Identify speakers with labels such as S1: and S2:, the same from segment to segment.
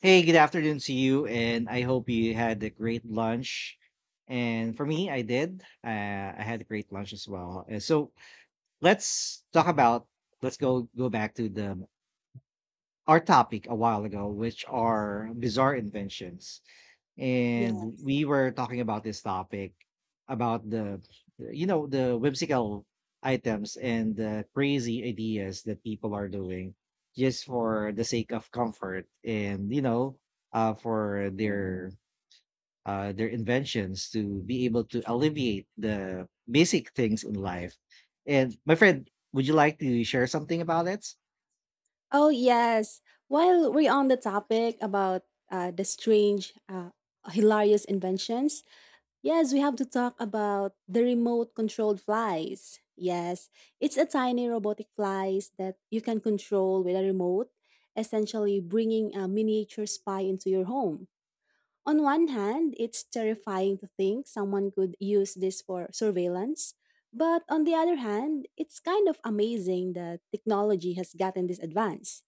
S1: Hey, good afternoon to you, and I hope you had a great lunch. And for me, I did. I had a great lunch as well. So let's talk about. Let's go back to the our topic a while ago, which are bizarre inventions,
S2: Yeah.
S1: and we were talking about this topic about the the whimsical items and the crazy ideas that people are doing just for the sake of comfort, and for their inventions to be able to alleviate the basic things in life. And my friend, would you like to share something about it?
S2: Oh, yes. While we're on the topic about the strange, hilarious inventions, yes, we have to talk about the remote controlled flies. Yes, it's a tiny robotic flies that you can control with a remote, essentially bringing a miniature spy into your home. On one hand, it's terrifying to think someone could use this for surveillance. But on the other hand, it's kind of amazing that technology has gotten this advanced.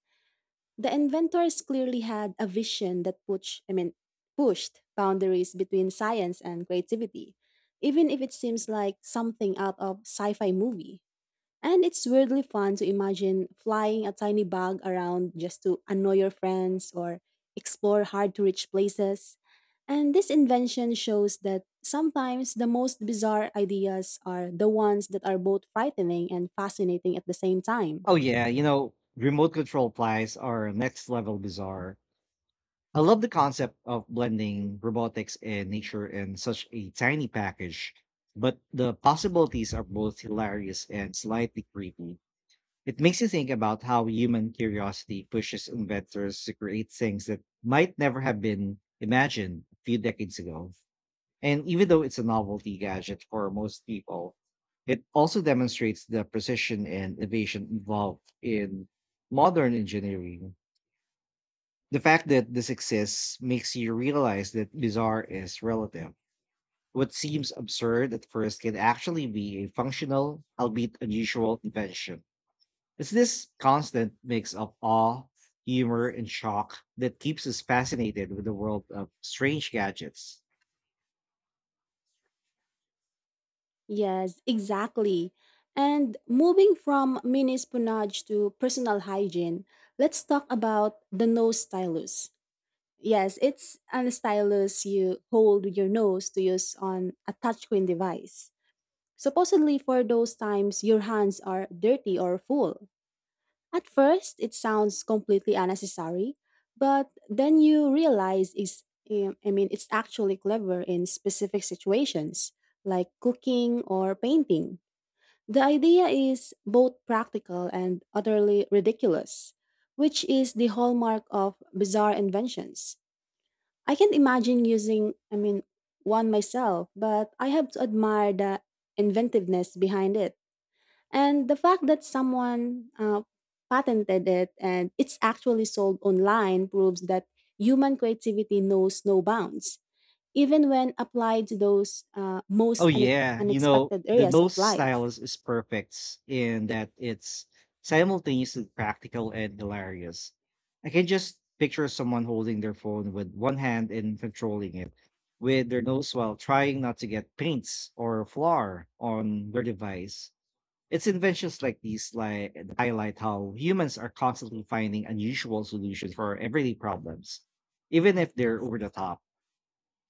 S2: The inventors clearly had a vision that pushed boundaries between science and creativity, even if it seems like something out of sci-fi movie. And it's weirdly fun to imagine flying a tiny bug around just to annoy your friends or explore hard-to-reach places. And this invention shows that sometimes the most bizarre ideas are the ones that are both frightening and fascinating at the same time.
S1: Oh yeah, you know, remote control flies are next level bizarre. I love the concept of blending robotics and nature in such a tiny package, but the possibilities are both hilarious and slightly creepy. It makes you think about how human curiosity pushes inventors to create things that might never have been imagined a few decades ago. And even though it's a novelty gadget for most people, it also demonstrates the precision and innovation involved in modern engineering. The fact that this exists makes you realize that bizarre is relative. What seems absurd at first can actually be a functional, albeit unusual, invention. It's this constant mix of awe, humor, and shock that keeps us fascinated with the world of strange gadgets.
S2: Yes, exactly. And moving from mini sponge to personal hygiene, let's talk about the nose stylus. Yes, it's a stylus you hold with your nose to use on a touchscreen device. Supposedly for those times your hands are dirty or full. At first, it sounds completely unnecessary, but then you realize it's eh, I mean, it's actually clever in specific situations like cooking or painting. The idea is both practical and utterly ridiculous, which is the hallmark of bizarre inventions. I can't imagine using one myself, but I have to admire the inventiveness behind it. And the fact that someone patented it and it's actually sold online proves that human creativity knows no bounds, even when applied to those
S1: Oh
S2: most
S1: yeah, you know,
S2: unexpected
S1: the
S2: areas of
S1: nose
S2: life.
S1: stylus is perfect in that it's simultaneously practical and hilarious. I can just picture someone holding their phone with one hand and controlling it with their nose while trying not to get paints or flour on their device. It's inventions like that highlight how humans are constantly finding unusual solutions for everyday problems, even if they're over the top.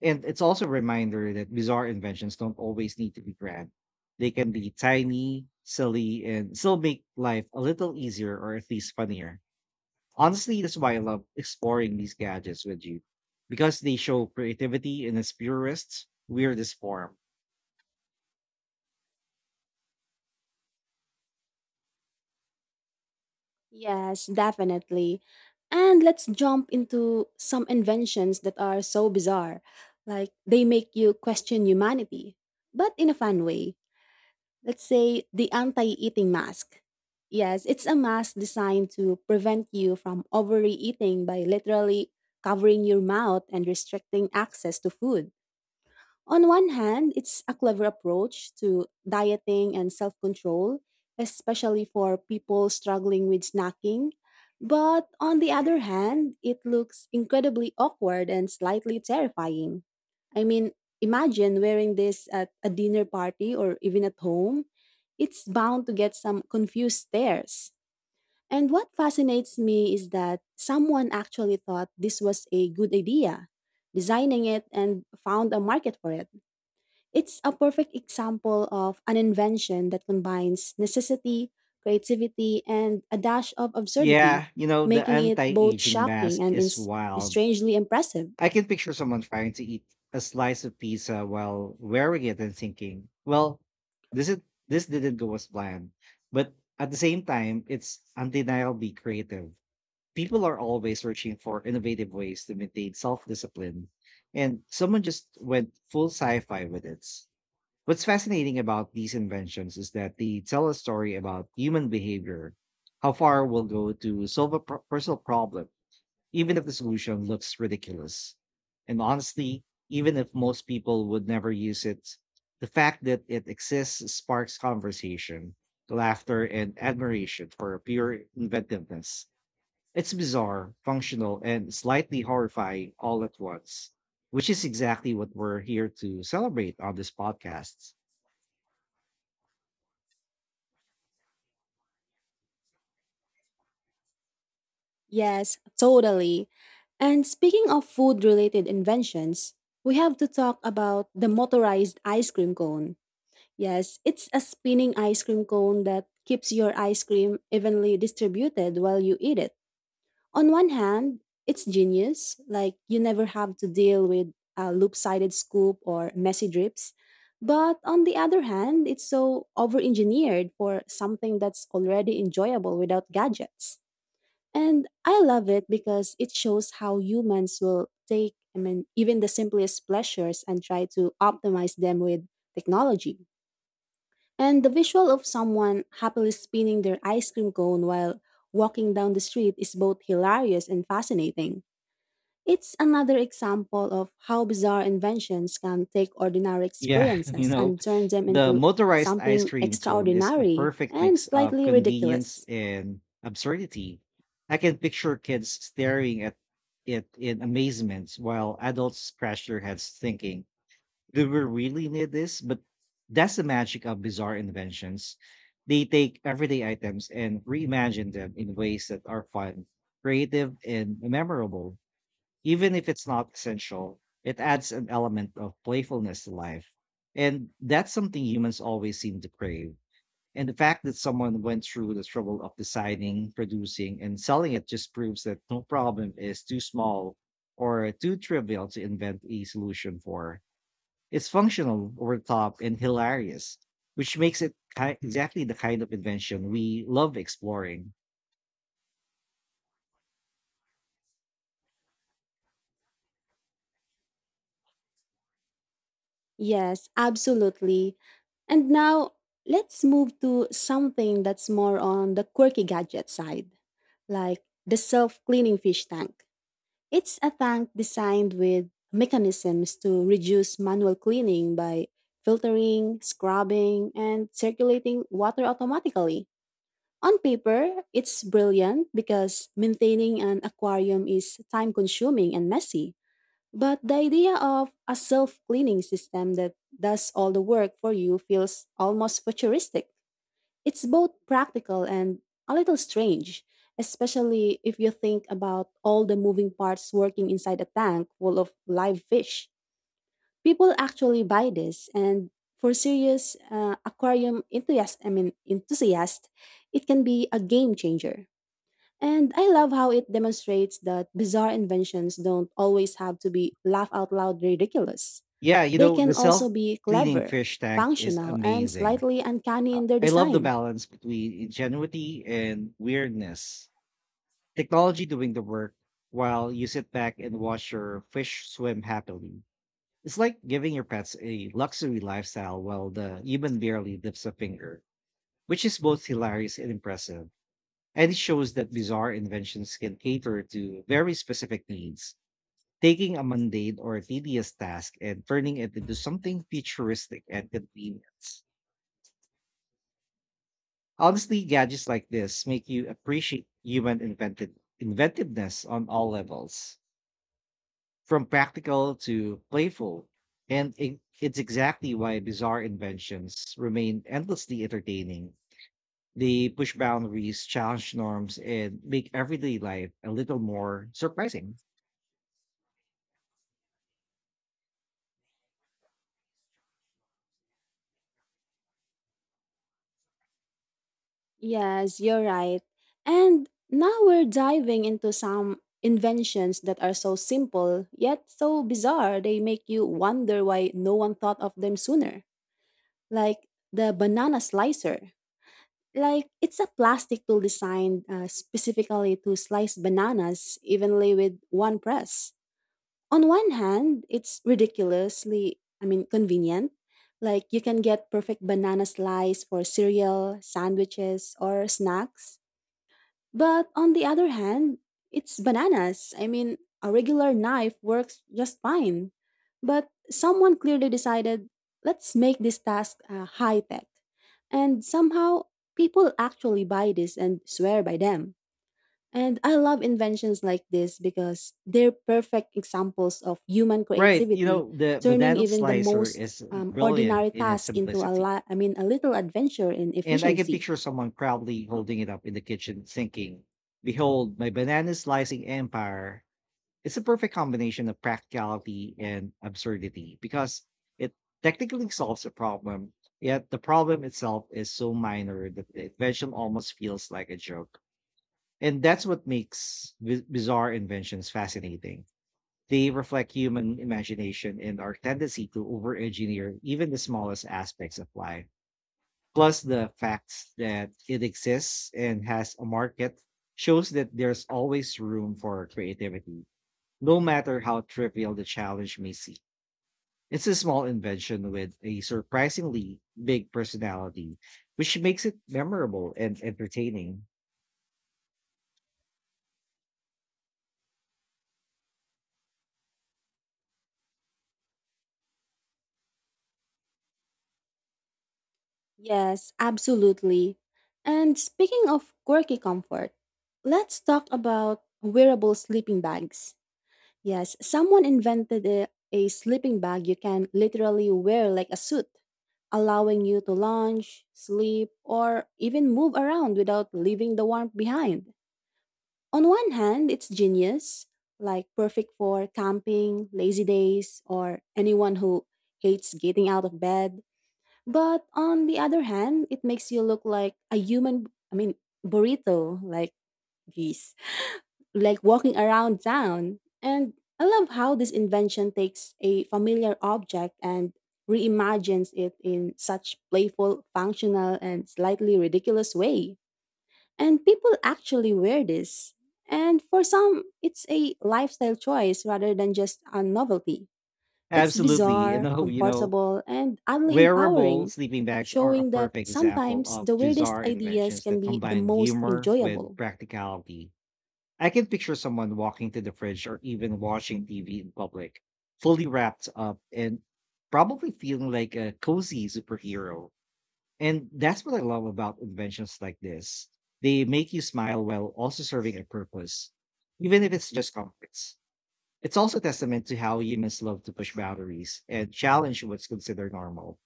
S1: And it's also a reminder that bizarre inventions don't always need to be grand. They can be tiny, silly, and still make life a little easier or at least funnier. Honestly, that's why I love exploring these gadgets with you, because they show creativity in its purest, weirdest form.
S2: Yes, definitely. And let's jump into some inventions that are so bizarre. Like they make you question humanity, but in a fun way. Let's say the anti eating mask. Yes, it's a mask designed to prevent you from overeating by literally covering your mouth and restricting access to food. On one hand, it's a clever approach to dieting and self control, especially for people struggling with snacking. But on the other hand, it looks incredibly awkward and slightly terrifying. I mean, imagine wearing this at a dinner party or even at home. It's bound to get some confused stares. And what fascinates me is that someone actually thought this was a good idea, designing it and found a market for it. It's a perfect example of an invention that combines necessity, creativity, and a dash of absurdity,
S1: Yeah, you know, the
S2: making it
S1: anti
S2: both
S1: aging
S2: shocking
S1: mask
S2: and
S1: is wild.
S2: strangely impressive.
S1: I can picture someone trying to eat a slice of pizza while wearing it and thinking, well, this is this didn't go as planned. But at the same time, it's undeniably creative. People are always searching for innovative ways to maintain self-discipline. And someone just went full sci-fi with it. What's fascinating about these inventions is that they tell a story about human behavior, how far we'll go to solve a personal problem, even if the solution looks ridiculous. And honestly, even if most people would never use it, the fact that it exists sparks conversation, laughter, and admiration for pure inventiveness. It's bizarre, functional, and slightly horrifying all at once, which is exactly what we're here to celebrate on this podcast.
S2: Yes, totally. And speaking of food related inventions, we have to talk about the motorized ice cream cone. Yes, it's a spinning ice cream cone that keeps your ice cream evenly distributed while you eat it. On one hand, it's genius, like you never have to deal with a loop-sided scoop or messy drips. But on the other hand, it's so over-engineered for something that's already enjoyable without gadgets. And I love it because it shows how humans will take even the simplest pleasures and try to optimize them with technology. And the visual of someone happily spinning their ice cream cone while walking down the street is both hilarious and fascinating. It's another example of how bizarre inventions can take ordinary
S1: Yeah, you
S2: experiences
S1: know,
S2: and turn them
S1: the
S2: into
S1: motorized ice
S2: something
S1: cream cone is a
S2: extraordinary
S1: perfect
S2: and
S1: mix of
S2: slightly
S1: convenience
S2: ridiculous.
S1: and absurdity. I can picture kids staring at it in amazement while adults scratch their heads thinking, do we really need this? But that's the magic of bizarre inventions. They take everyday items and reimagine them in ways that are fun, creative, and memorable. Even if it's not essential, it adds an element of playfulness to life. And that's something humans always seem to crave. And the fact that someone went through the trouble of designing, producing, and selling it just proves that no problem is too small or too trivial to invent a solution for. It's functional, over the top, and hilarious, which makes it exactly the kind of invention we love exploring.
S2: Yes, absolutely. And now let's move to something that's more on the quirky gadget side, like the self cleaning fish tank. It's a tank designed with mechanisms to reduce manual cleaning by filtering, scrubbing, and circulating water automatically. On paper, it's brilliant because maintaining an aquarium is time consuming and messy. But the idea of a self cleaning system that does all the work for you feels almost futuristic. It's both practical and a little strange, especially if you think about all the moving parts working inside a tank full of live fish. People actually buy this, and for serious aquarium enthusiast, I mean enthusiast, it can be a game changer. And I love how it demonstrates that bizarre inventions don't always have to be laugh out loud ridiculous.
S1: Yeah, you
S2: They
S1: know, the
S2: can also
S1: self
S2: be
S1: cleaning
S2: clever,
S1: fish tank is
S2: functional, and
S1: amazing.
S2: slightly uncanny in their
S1: I love the
S2: design.
S1: balance between ingenuity and weirdness. Technology doing the work while you sit back and watch your fish swim happily. It's like giving your pets a luxury lifestyle while the human barely lifts a finger, which is both hilarious and impressive. And it shows that bizarre inventions can cater to very specific needs, taking a mundane or tedious task and turning it into something futuristic and convenient. Honestly, gadgets like this make you appreciate human invented inventiveness on all levels, from practical to playful. And it's exactly why bizarre inventions remain endlessly entertaining. They push boundaries, challenge norms, and make everyday life a little more surprising.
S2: Yes, you're right. And now we're diving into some inventions that are so simple, yet so bizarre, they make you wonder why no one thought of them sooner. Like the banana slicer. Like, it's a plastic tool designed specifically to slice bananas evenly with one press. On one hand, it's convenient. Like, you can get perfect banana slice for cereal, sandwiches, or snacks. But on the other hand, it's bananas. I mean, a regular knife works just fine. But someone clearly decided, let's make this task high tech. And somehow, people actually buy this and swear by them. And I love inventions like this because they're perfect examples of human
S1: Right. You
S2: creativity,
S1: know, the
S2: turning
S1: banana
S2: even the
S1: slicer
S2: most
S1: is brilliant
S2: ordinary
S1: in its
S2: task into a
S1: simplicity.
S2: a little adventure in
S1: And I can
S2: efficiency.
S1: picture someone proudly holding it up in the kitchen, thinking, behold, my banana slicing empire. It's a perfect combination of practicality and absurdity because it technically solves a problem, yet the problem itself is so minor that the invention almost feels like a joke. And that's what makes bizarre inventions fascinating. They reflect human imagination and our tendency to over engineer even the smallest aspects of life. Plus, the fact that it exists and has a market shows that there's always room for creativity, no matter how trivial the challenge may seem. It's a small invention with a surprisingly big personality, which makes it memorable and entertaining.
S2: Yes, absolutely. And speaking of quirky comfort, let's talk about wearable sleeping bags. Yes, someone invented a sleeping bag you can literally wear like a suit, allowing you to lounge, sleep, or even move around without leaving the warmth behind. On one hand, it's genius, like perfect for camping, lazy days, or anyone who hates getting out of bed. But on the other hand, it makes you look like a burrito, like geese, like walking around town. And I love how this invention takes a familiar object and reimagines it in such playful, functional, and slightly ridiculous way. And people actually wear this. And for some, it's a lifestyle choice rather than just a novelty. It's
S1: Absolutely.
S2: bizarre, comfortable, and oddly
S1: Wearable
S2: empowering,
S1: sleeping bags are a
S2: showing that
S1: perfect example
S2: sometimes
S1: of
S2: the weirdest
S1: bizarre
S2: ideas
S1: inventions
S2: can
S1: that
S2: be the
S1: combine
S2: most
S1: humor with
S2: enjoyable.
S1: practicality. I can picture someone walking to the fridge or even watching TV in public, fully wrapped up and probably feeling like a cozy superhero. And that's what I love about inventions like this. They make you smile while also serving a purpose, even if it's just comforts. It's also a testament to how humans love to push boundaries and challenge what's considered normal.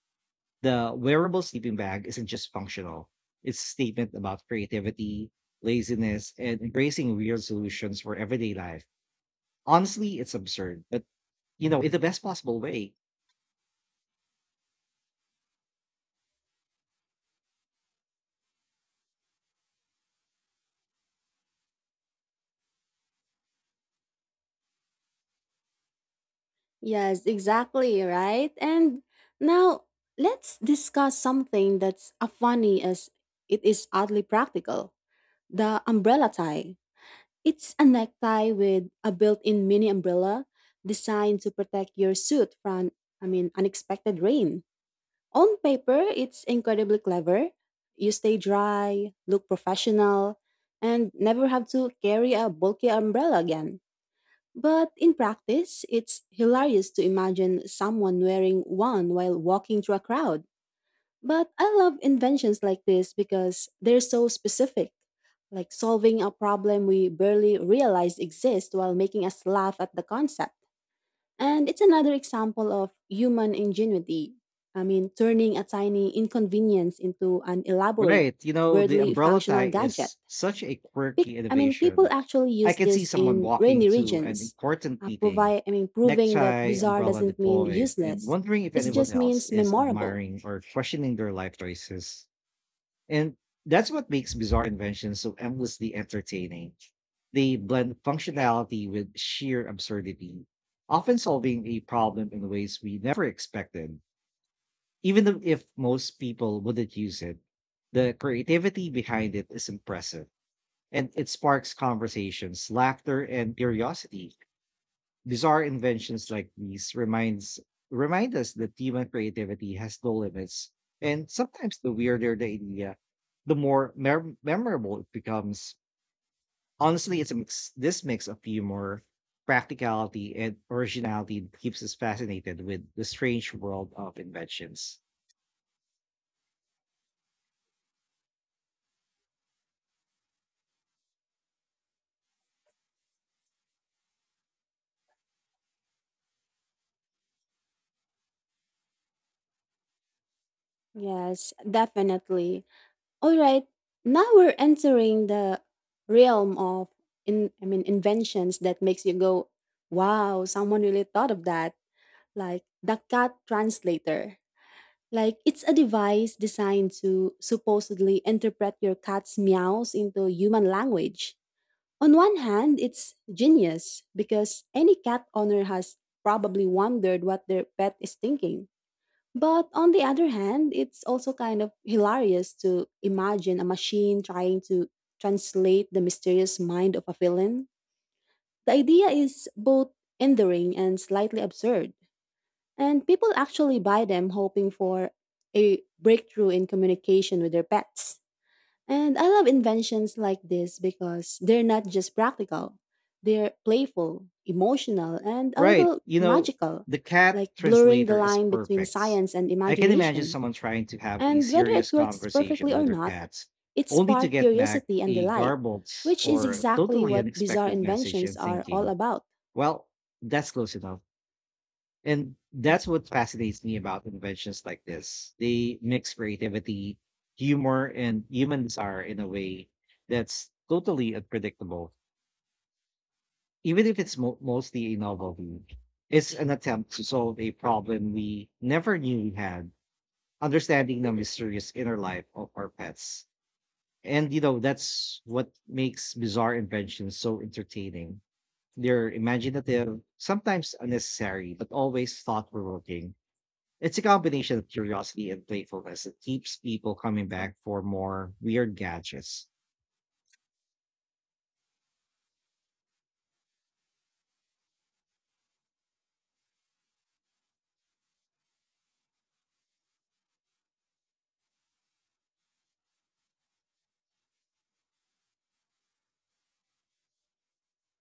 S1: The wearable sleeping bag isn't just functional, it's a statement about creativity, laziness, and embracing real solutions for everyday life. Honestly, it's absurd, but you know, in the best possible way.
S2: Yes, exactly, right? And now let's discuss something that's as funny as it is oddly practical, the umbrella tie. It's a necktie with a built in mini umbrella designed to protect your suit from, unexpected rain. On paper, it's incredibly clever. You stay dry, look professional, and never have to carry a bulky umbrella again. But in practice, it's hilarious to imagine someone wearing one while walking through a crowd. But I love inventions like this because they're so specific, like solving a problem we barely realize exists while making us laugh at the concept. And it's another example of human ingenuity. I mean, turning a tiny inconvenience into an elaborate,
S1: Right. You know, the
S2: worldly
S1: umbrella tie
S2: functional gadget.
S1: is such a quirky
S2: People
S1: innovation.
S2: actually
S1: I
S2: use
S1: can see
S2: this
S1: someone
S2: in
S1: walking
S2: rainy
S1: to an
S2: regions,
S1: important meeting,
S2: proving that
S1: necktie,
S2: bizarre
S1: umbrella
S2: doesn't mean
S1: deployed, and
S2: useless.
S1: wondering if
S2: It
S1: anyone
S2: just
S1: else
S2: means
S1: is
S2: memorable.
S1: admiring or questioning their life choices. And that's what makes bizarre inventions so endlessly entertaining. They blend functionality with sheer absurdity, often solving a problem in ways we never expected. Even though if most people wouldn't use it, the creativity behind it is impressive, and it sparks conversations, laughter, and curiosity. Bizarre inventions like these remind us that human creativity has no limits, and sometimes the weirder the idea, the more memorable it becomes. Honestly, this mix of humor, practicality, and originality that keeps us fascinated with the strange world of inventions.
S2: Yes, definitely. All right, now we're entering the realm of inventions that makes you go, wow, someone really thought of that, like the cat translator. Like it's a device designed to supposedly interpret your cat's meows into human language. On one hand, it's genius because any cat owner has probably wondered what their pet is thinking. But on the other hand, it's also kind of hilarious to imagine a machine trying to translate the mysterious mind of a villain. The idea is both endearing and slightly absurd, and people actually buy them hoping for a breakthrough in communication with their pets. And I love inventions like this because they're not just practical, they're playful, emotional, and a
S1: Right.
S2: little
S1: You know,
S2: magical,
S1: the cat
S2: like blurring the
S1: translator is
S2: line between
S1: perfect.
S2: science and
S1: I can imagine
S2: imagination.
S1: someone trying to have a
S2: And whether it
S1: serious
S2: works perfectly
S1: conversation with
S2: or
S1: their
S2: not,
S1: cats,
S2: it
S1: only to
S2: sparks
S1: get back
S2: curiosity and
S1: a
S2: delight,
S1: garbled
S2: which is
S1: or
S2: exactly
S1: totally
S2: what bizarre
S1: unexpected message
S2: inventions
S1: and
S2: are all
S1: thinking,
S2: about.
S1: well, that's close enough. And that's what fascinates me about inventions like this. They mix creativity, humor, and human desire in a way that's totally unpredictable. Even if it's mostly a novelty, it's an attempt to solve a problem we never knew we had, understanding the mysterious inner life of our pets. And you know, that's what makes bizarre inventions so entertaining. They're imaginative, sometimes unnecessary, but always thought provoking. It's a combination of curiosity and playfulness that keeps people coming back for more weird gadgets.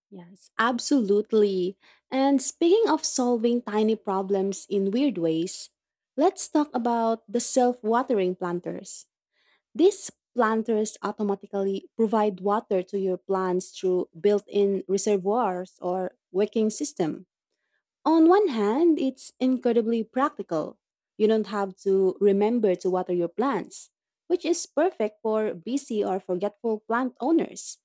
S2: Yes, absolutely. And speaking of solving tiny problems in weird ways, let's talk about the self watering planters. These planters automatically provide water to your plants through built in reservoirs or wicking system. On one hand, it's incredibly practical. You don't have to remember to water your plants, which is perfect for busy or forgetful plant owners.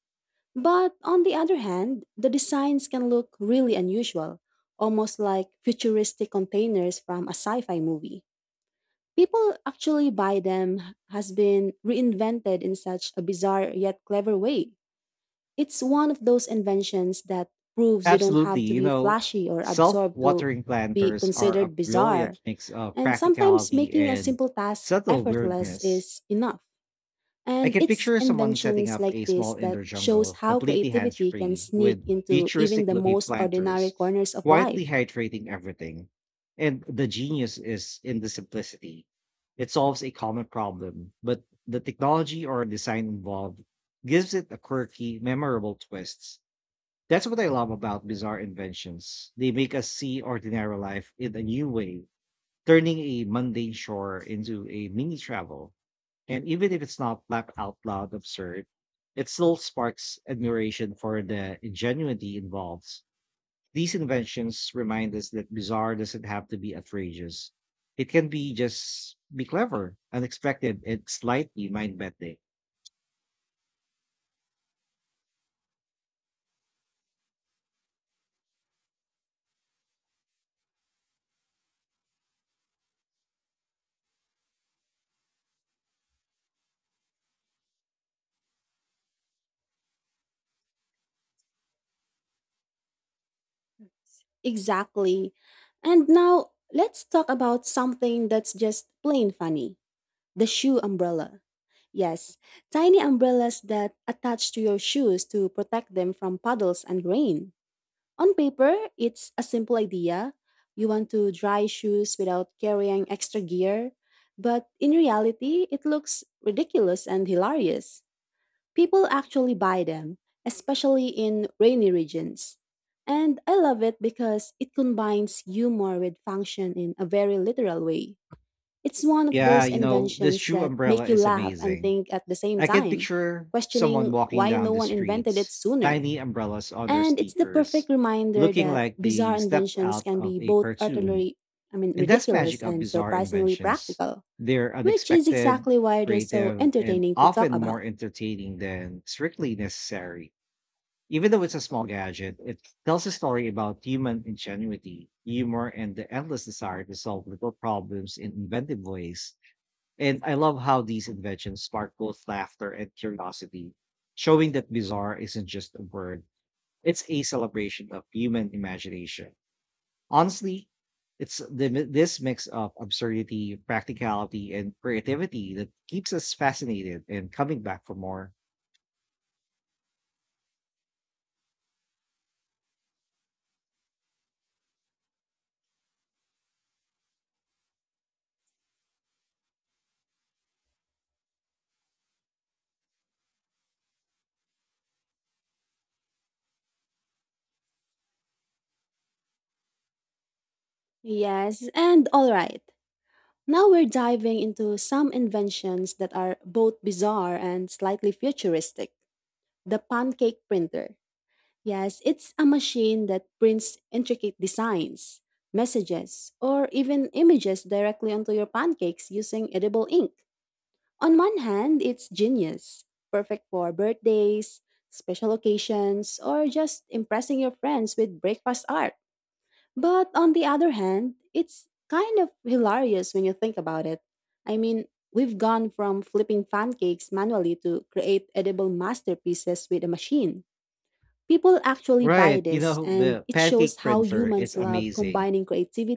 S2: But on the other hand, the designs can look really unusual, almost like futuristic containers from a sci fi movie. People actually buy them, has been reinvented in such a bizarre yet clever way. It's one of those inventions that proves you don't
S1: Absolutely.
S2: have to
S1: You
S2: be
S1: know,
S2: flashy or
S1: self
S2: absorbed to
S1: watering
S2: be
S1: planters are a
S2: considered bizarre.
S1: brilliant mix of
S2: And sometimes
S1: practicality
S2: making a
S1: and
S2: simple task
S1: subtle
S2: effortless
S1: weirdness.
S2: is enough.
S1: I
S2: And
S1: can
S2: it's
S1: picture someone setting
S2: inventions
S1: up
S2: like
S1: a
S2: this
S1: small
S2: that
S1: indoor
S2: shows
S1: jungle
S2: how
S1: completely hands
S2: creativity can
S1: free
S2: sneak
S1: with
S2: into even
S1: futuristic
S2: the
S1: looking
S2: most ordinary
S1: planters,
S2: corners of life.
S1: quietly hydrating everything. And the genius is in the simplicity. It solves a common problem, but the technology or design involved gives it a quirky, memorable twist. That's what I love about bizarre inventions. They make us see ordinary life in a new way, turning a mundane chore into a mini travel. And even if it's not laugh out loud absurd, it still sparks admiration for the ingenuity involved. These inventions remind us that bizarre doesn't have to be outrageous. It can be just be clever, unexpected, and slightly mind bending.
S2: Exactly. And now let's talk about something that's just plain funny, the shoe umbrella. Yes, tiny umbrellas that attach to your shoes to protect them from puddles and rain. On paper, it's a simple idea. You want to dry shoes without carrying extra gear. But in reality, it looks ridiculous and hilarious. People actually buy them, especially in rainy regions. And I love it because it combines humor with function in a very literal way. It's one of
S1: Yeah,
S2: those
S1: you know, this
S2: inventions
S1: shoe
S2: that
S1: umbrella
S2: make you
S1: is
S2: laugh and
S1: amazing.
S2: think at the same
S1: I can
S2: time,
S1: picture someone
S2: questioning
S1: walking
S2: why
S1: down
S2: no
S1: the
S2: one invented it
S1: streets,
S2: sooner.
S1: tiny umbrellas on their
S2: And it's the
S1: sneakers,
S2: perfect reminder
S1: looking
S2: that
S1: like they
S2: bizarre
S1: stepped
S2: inventions
S1: out
S2: can
S1: of
S2: be
S1: a
S2: both
S1: cartoon. And that's magic
S2: ridiculous
S1: of
S2: and
S1: bizarre
S2: surprisingly
S1: inventions.
S2: practical,
S1: They're
S2: which is
S1: unexpected,
S2: exactly why they're so
S1: creative, and
S2: entertaining to talk
S1: often more
S2: about.
S1: entertaining than strictly necessary. Even though it's a small gadget, it tells a story about human ingenuity, humor, and the endless desire to solve little problems in inventive ways. And I love how these inventions spark both laughter and curiosity, showing that bizarre isn't just a word, it's a celebration of human imagination. Honestly, this mix of absurdity, practicality, and creativity that keeps us fascinated and coming back for more.
S2: Yes, and all right. Now we're diving into some inventions that are both bizarre and slightly futuristic. The pancake printer. Yes, it's a machine that prints intricate designs, messages, or even images directly onto your pancakes using edible ink. On one hand, it's genius, perfect for birthdays, special occasions, or just impressing your friends with breakfast art. But on the other hand, it's kind of hilarious when you think about it. I mean, we've gone from flipping pancakes manually to create edible masterpieces with a machine. People actually buy
S1: Right. You
S2: this,
S1: know,
S2: and
S1: the
S2: it
S1: pancake
S2: shows how
S1: printer is
S2: humans love
S1: amazing.
S2: combining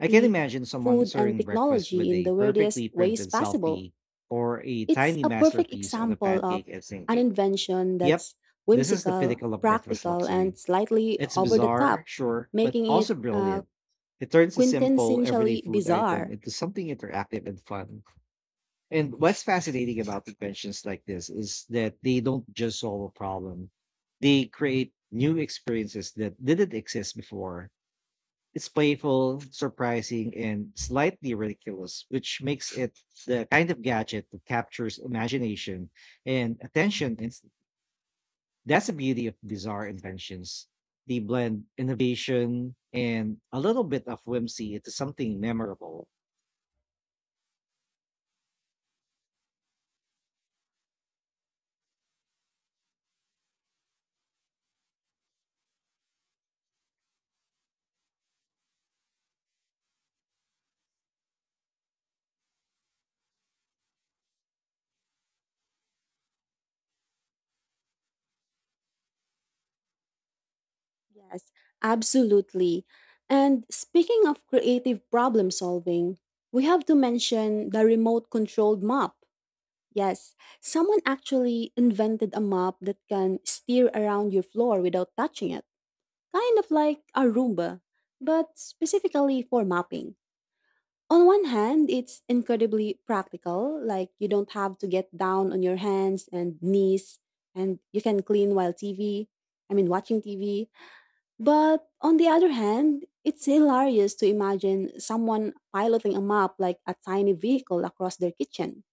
S1: I can imagine someone
S2: food, and
S1: serving breakfast
S2: technology
S1: with
S2: in
S1: a
S2: the weirdest
S1: perfectly
S2: ways
S1: printed
S2: possible.
S1: selfie or a
S2: It's
S1: tiny
S2: a perfect
S1: masterpiece on a
S2: example of
S1: pancake and
S2: an
S1: thinking,
S2: invention
S1: yep,
S2: that's
S1: this is the
S2: whimsical,
S1: pinnacle of breakfast
S2: practical,
S1: luxury.
S2: and slightly
S1: It's
S2: over the
S1: bizarre,
S2: top,
S1: sure, but
S2: making it
S1: also brilliant. It turns a simple, everyday
S2: quintessentially
S1: food item
S2: bizarre.
S1: into something interactive and fun. And what's fascinating about inventions like this is that they don't just solve a problem, they create new experiences that didn't exist before. It's playful, surprising, and slightly ridiculous, which makes it the kind of gadget that captures imagination and attention in that's the beauty of bizarre inventions. They blend innovation and a little bit of whimsy into something memorable.
S2: Yes, absolutely. And speaking of creative problem solving, we have to mention the remote controlled mop. Yes, someone actually invented a mop that can steer around your floor without touching it, kind of like a Roomba, but specifically for mopping. On one hand, it's incredibly practical, like you don't have to get down on your hands and knees and you can clean while TV, I mean, watching TV. But on the other hand, it's hilarious to imagine someone piloting a map like a tiny vehicle across their kitchen.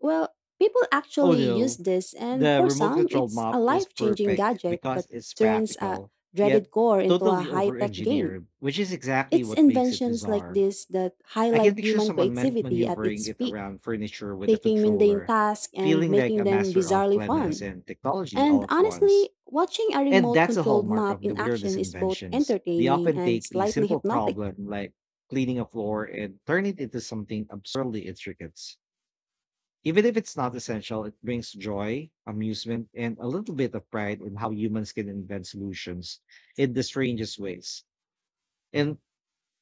S2: Well, people
S1: Oh
S2: actually use
S1: no,
S2: this, and
S1: the
S2: for
S1: remote
S2: some,
S1: controlled
S2: it's
S1: mop
S2: a
S1: is
S2: life changing
S1: perfect
S2: gadget
S1: because
S2: that
S1: it's
S2: turns a
S1: practical, yet
S2: dreaded core into a
S1: totally
S2: high
S1: over
S2: tech game.
S1: engineered, which is exactly
S2: It's
S1: what makes it
S2: inventions like
S1: bizarre.
S2: this that
S1: I can
S2: highlight
S1: picture
S2: human
S1: someone
S2: creativity at
S1: maneuvering
S2: its
S1: it
S2: peak,
S1: around furniture with a
S2: taking mundane
S1: controller,
S2: tasks and
S1: feeling like
S2: making
S1: a
S2: them
S1: master of
S2: bizarrely
S1: cleanliness
S2: fun.
S1: and technology
S2: And
S1: all at once.
S2: honestly, watching a
S1: And
S2: remote
S1: that's a
S2: controlled
S1: hallmark
S2: map
S1: of
S2: in
S1: the weirdest
S2: action is both
S1: inventions. They
S2: entertaining
S1: often
S2: and
S1: take a
S2: slightly
S1: simple
S2: hypnotic.
S1: problem like cleaning a floor and turn it into something absurdly intricate. Even if it's not essential, it brings joy, amusement, and a little bit of pride in how humans can invent solutions in the strangest ways. And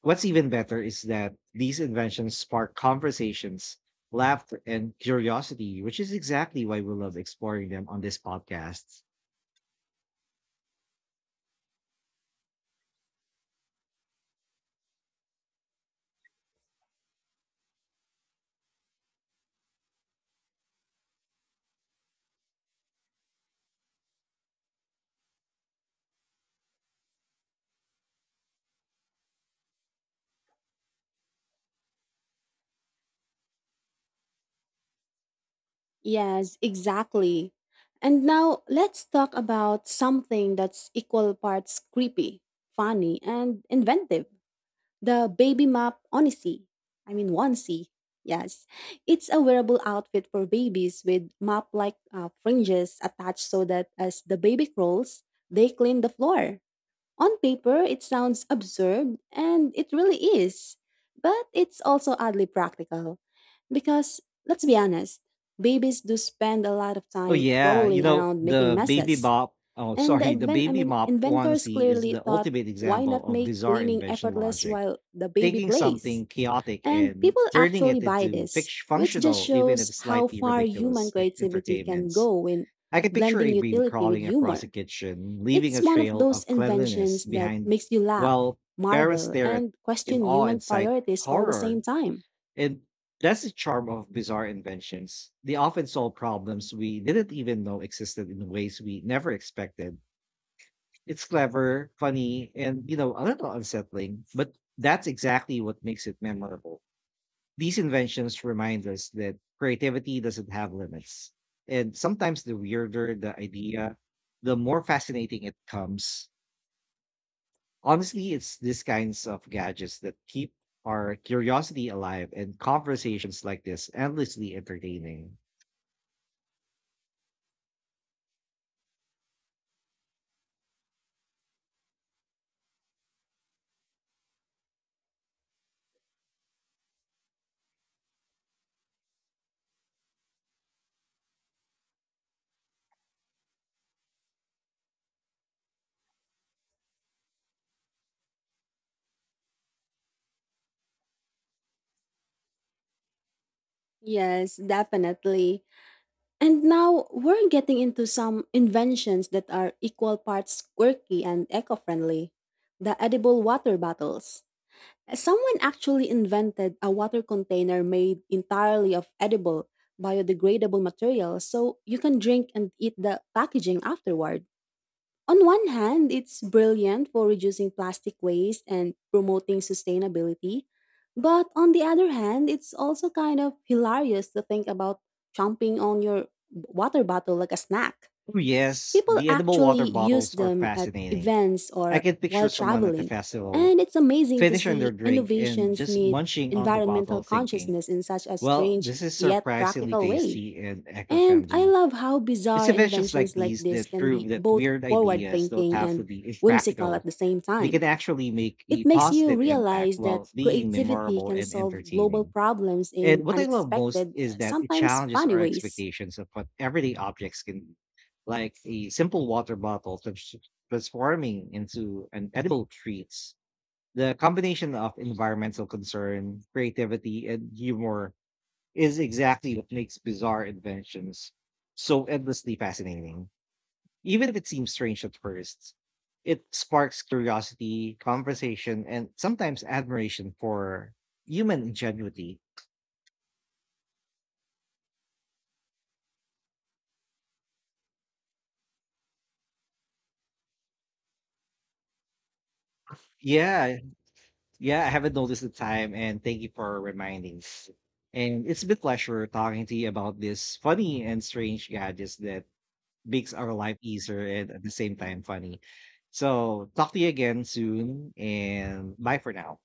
S1: what's even better is that these inventions spark conversations, laughter, and curiosity, which is exactly why we love exploring them on this podcast.
S2: Yes, exactly. And now let's talk about something that's equal parts creepy, funny, and inventive. The baby map onesie. I mean onesie. Yes. It's a wearable outfit for babies with map-like fringes attached so that as the baby crawls, they clean the floor. On paper, it sounds absurd and it really is. But it's also oddly practical because let's be honest, babies do spend a lot of
S1: Oh
S2: time
S1: yeah, you
S2: crawling
S1: know
S2: around making
S1: the baby
S2: messes.
S1: bop. Oh,
S2: And the
S1: sorry, the
S2: advent, I
S1: baby
S2: mean,
S1: mop
S2: inventors
S1: onesie is
S2: clearly
S1: the
S2: thought,
S1: ultimate
S2: why
S1: example
S2: not
S1: of
S2: make
S1: bizarre
S2: cleaning
S1: invention
S2: effortless
S1: logic.
S2: while the baby
S1: Taking
S2: plays?
S1: something chaotic
S2: And
S1: and
S2: people
S1: turning
S2: actually
S1: it
S2: buy
S1: into
S2: this, which just
S1: functional, even
S2: shows
S1: if
S2: how
S1: slightly
S2: far human
S1: ridiculous,
S2: creativity can
S1: entertainments.
S2: go when
S1: I can picture
S2: blending
S1: a bee
S2: utility with
S1: crawling across a
S2: humor.
S1: kitchen, leaving a
S2: It's one of
S1: trail
S2: those
S1: of cleanliness
S2: inventions that
S1: behind,
S2: makes you laugh,
S1: while parents
S2: marvel,
S1: stare at
S2: and
S1: in
S2: question
S1: awe
S2: human
S1: and sight
S2: priorities all the
S1: horror.
S2: same time.
S1: And that's the charm of bizarre inventions. They often solve problems we didn't even know existed in ways we never expected. It's clever, funny, and you know, a little unsettling, but that's exactly what makes it memorable. These inventions remind us that creativity doesn't have limits. And sometimes the weirder the idea, the more fascinating it comes. Honestly, it's these kinds of gadgets that keep our curiosity alive and conversations like this endlessly entertaining.
S2: Yes, definitely. And now we're getting into some inventions that are equal parts quirky and eco friendly. The edible water bottles. Someone actually invented a water container made entirely of edible, biodegradable material so you can drink and eat the packaging afterward. On one hand, it's brilliant for reducing plastic waste and promoting sustainability. But on the other hand, it's also kind of hilarious to think about chomping on your water bottle like a snack.
S1: Oh, yes,
S2: People
S1: the edible water
S2: actually use
S1: bottles are
S2: them at
S1: fascinating.
S2: events
S1: I
S2: or
S1: can
S2: while
S1: picture someone at the
S2: traveling,
S1: festival
S2: and it's amazing to
S1: finishing their
S2: see
S1: drink and
S2: innovations
S1: just
S2: meet
S1: munching on the
S2: environmental
S1: bottle, thinking,
S2: consciousness in such a
S1: well,
S2: strange
S1: this is
S2: yet
S1: surprisingly
S2: practical way.
S1: tasty and eco
S2: And I
S1: friendly.
S2: love how
S1: It's
S2: bizarre
S1: inventions like
S2: inventions like
S1: these
S2: this
S1: that
S2: can
S1: prove
S2: be
S1: that
S2: both
S1: weird
S2: forward
S1: ideas don't
S2: thinking
S1: have to
S2: and
S1: be
S2: whimsical at
S1: impractical.
S2: the same
S1: They can
S2: time.
S1: actually make a
S2: It makes you
S1: positive impact
S2: realize that
S1: while being
S2: creativity
S1: memorable
S2: can
S1: and
S2: solve global
S1: entertaining.
S2: problems in
S1: And what I love most
S2: unexpected,
S1: is that it
S2: sometimes
S1: challenges
S2: funny
S1: our
S2: ways.
S1: expectations of what everyday objects can be, like a simple water bottle transforming into an edible treats. The combination of environmental concern, creativity, and humor is exactly what makes bizarre inventions so endlessly fascinating. Even if it seems strange at first, it sparks curiosity, conversation, and sometimes admiration for human ingenuity. Yeah, yeah, I haven't noticed the time, and thank you for reminding. And it's been a pleasure talking to you about this funny and strange gadgets that makes our life easier and at the same time funny. So talk to you again soon, and bye for now.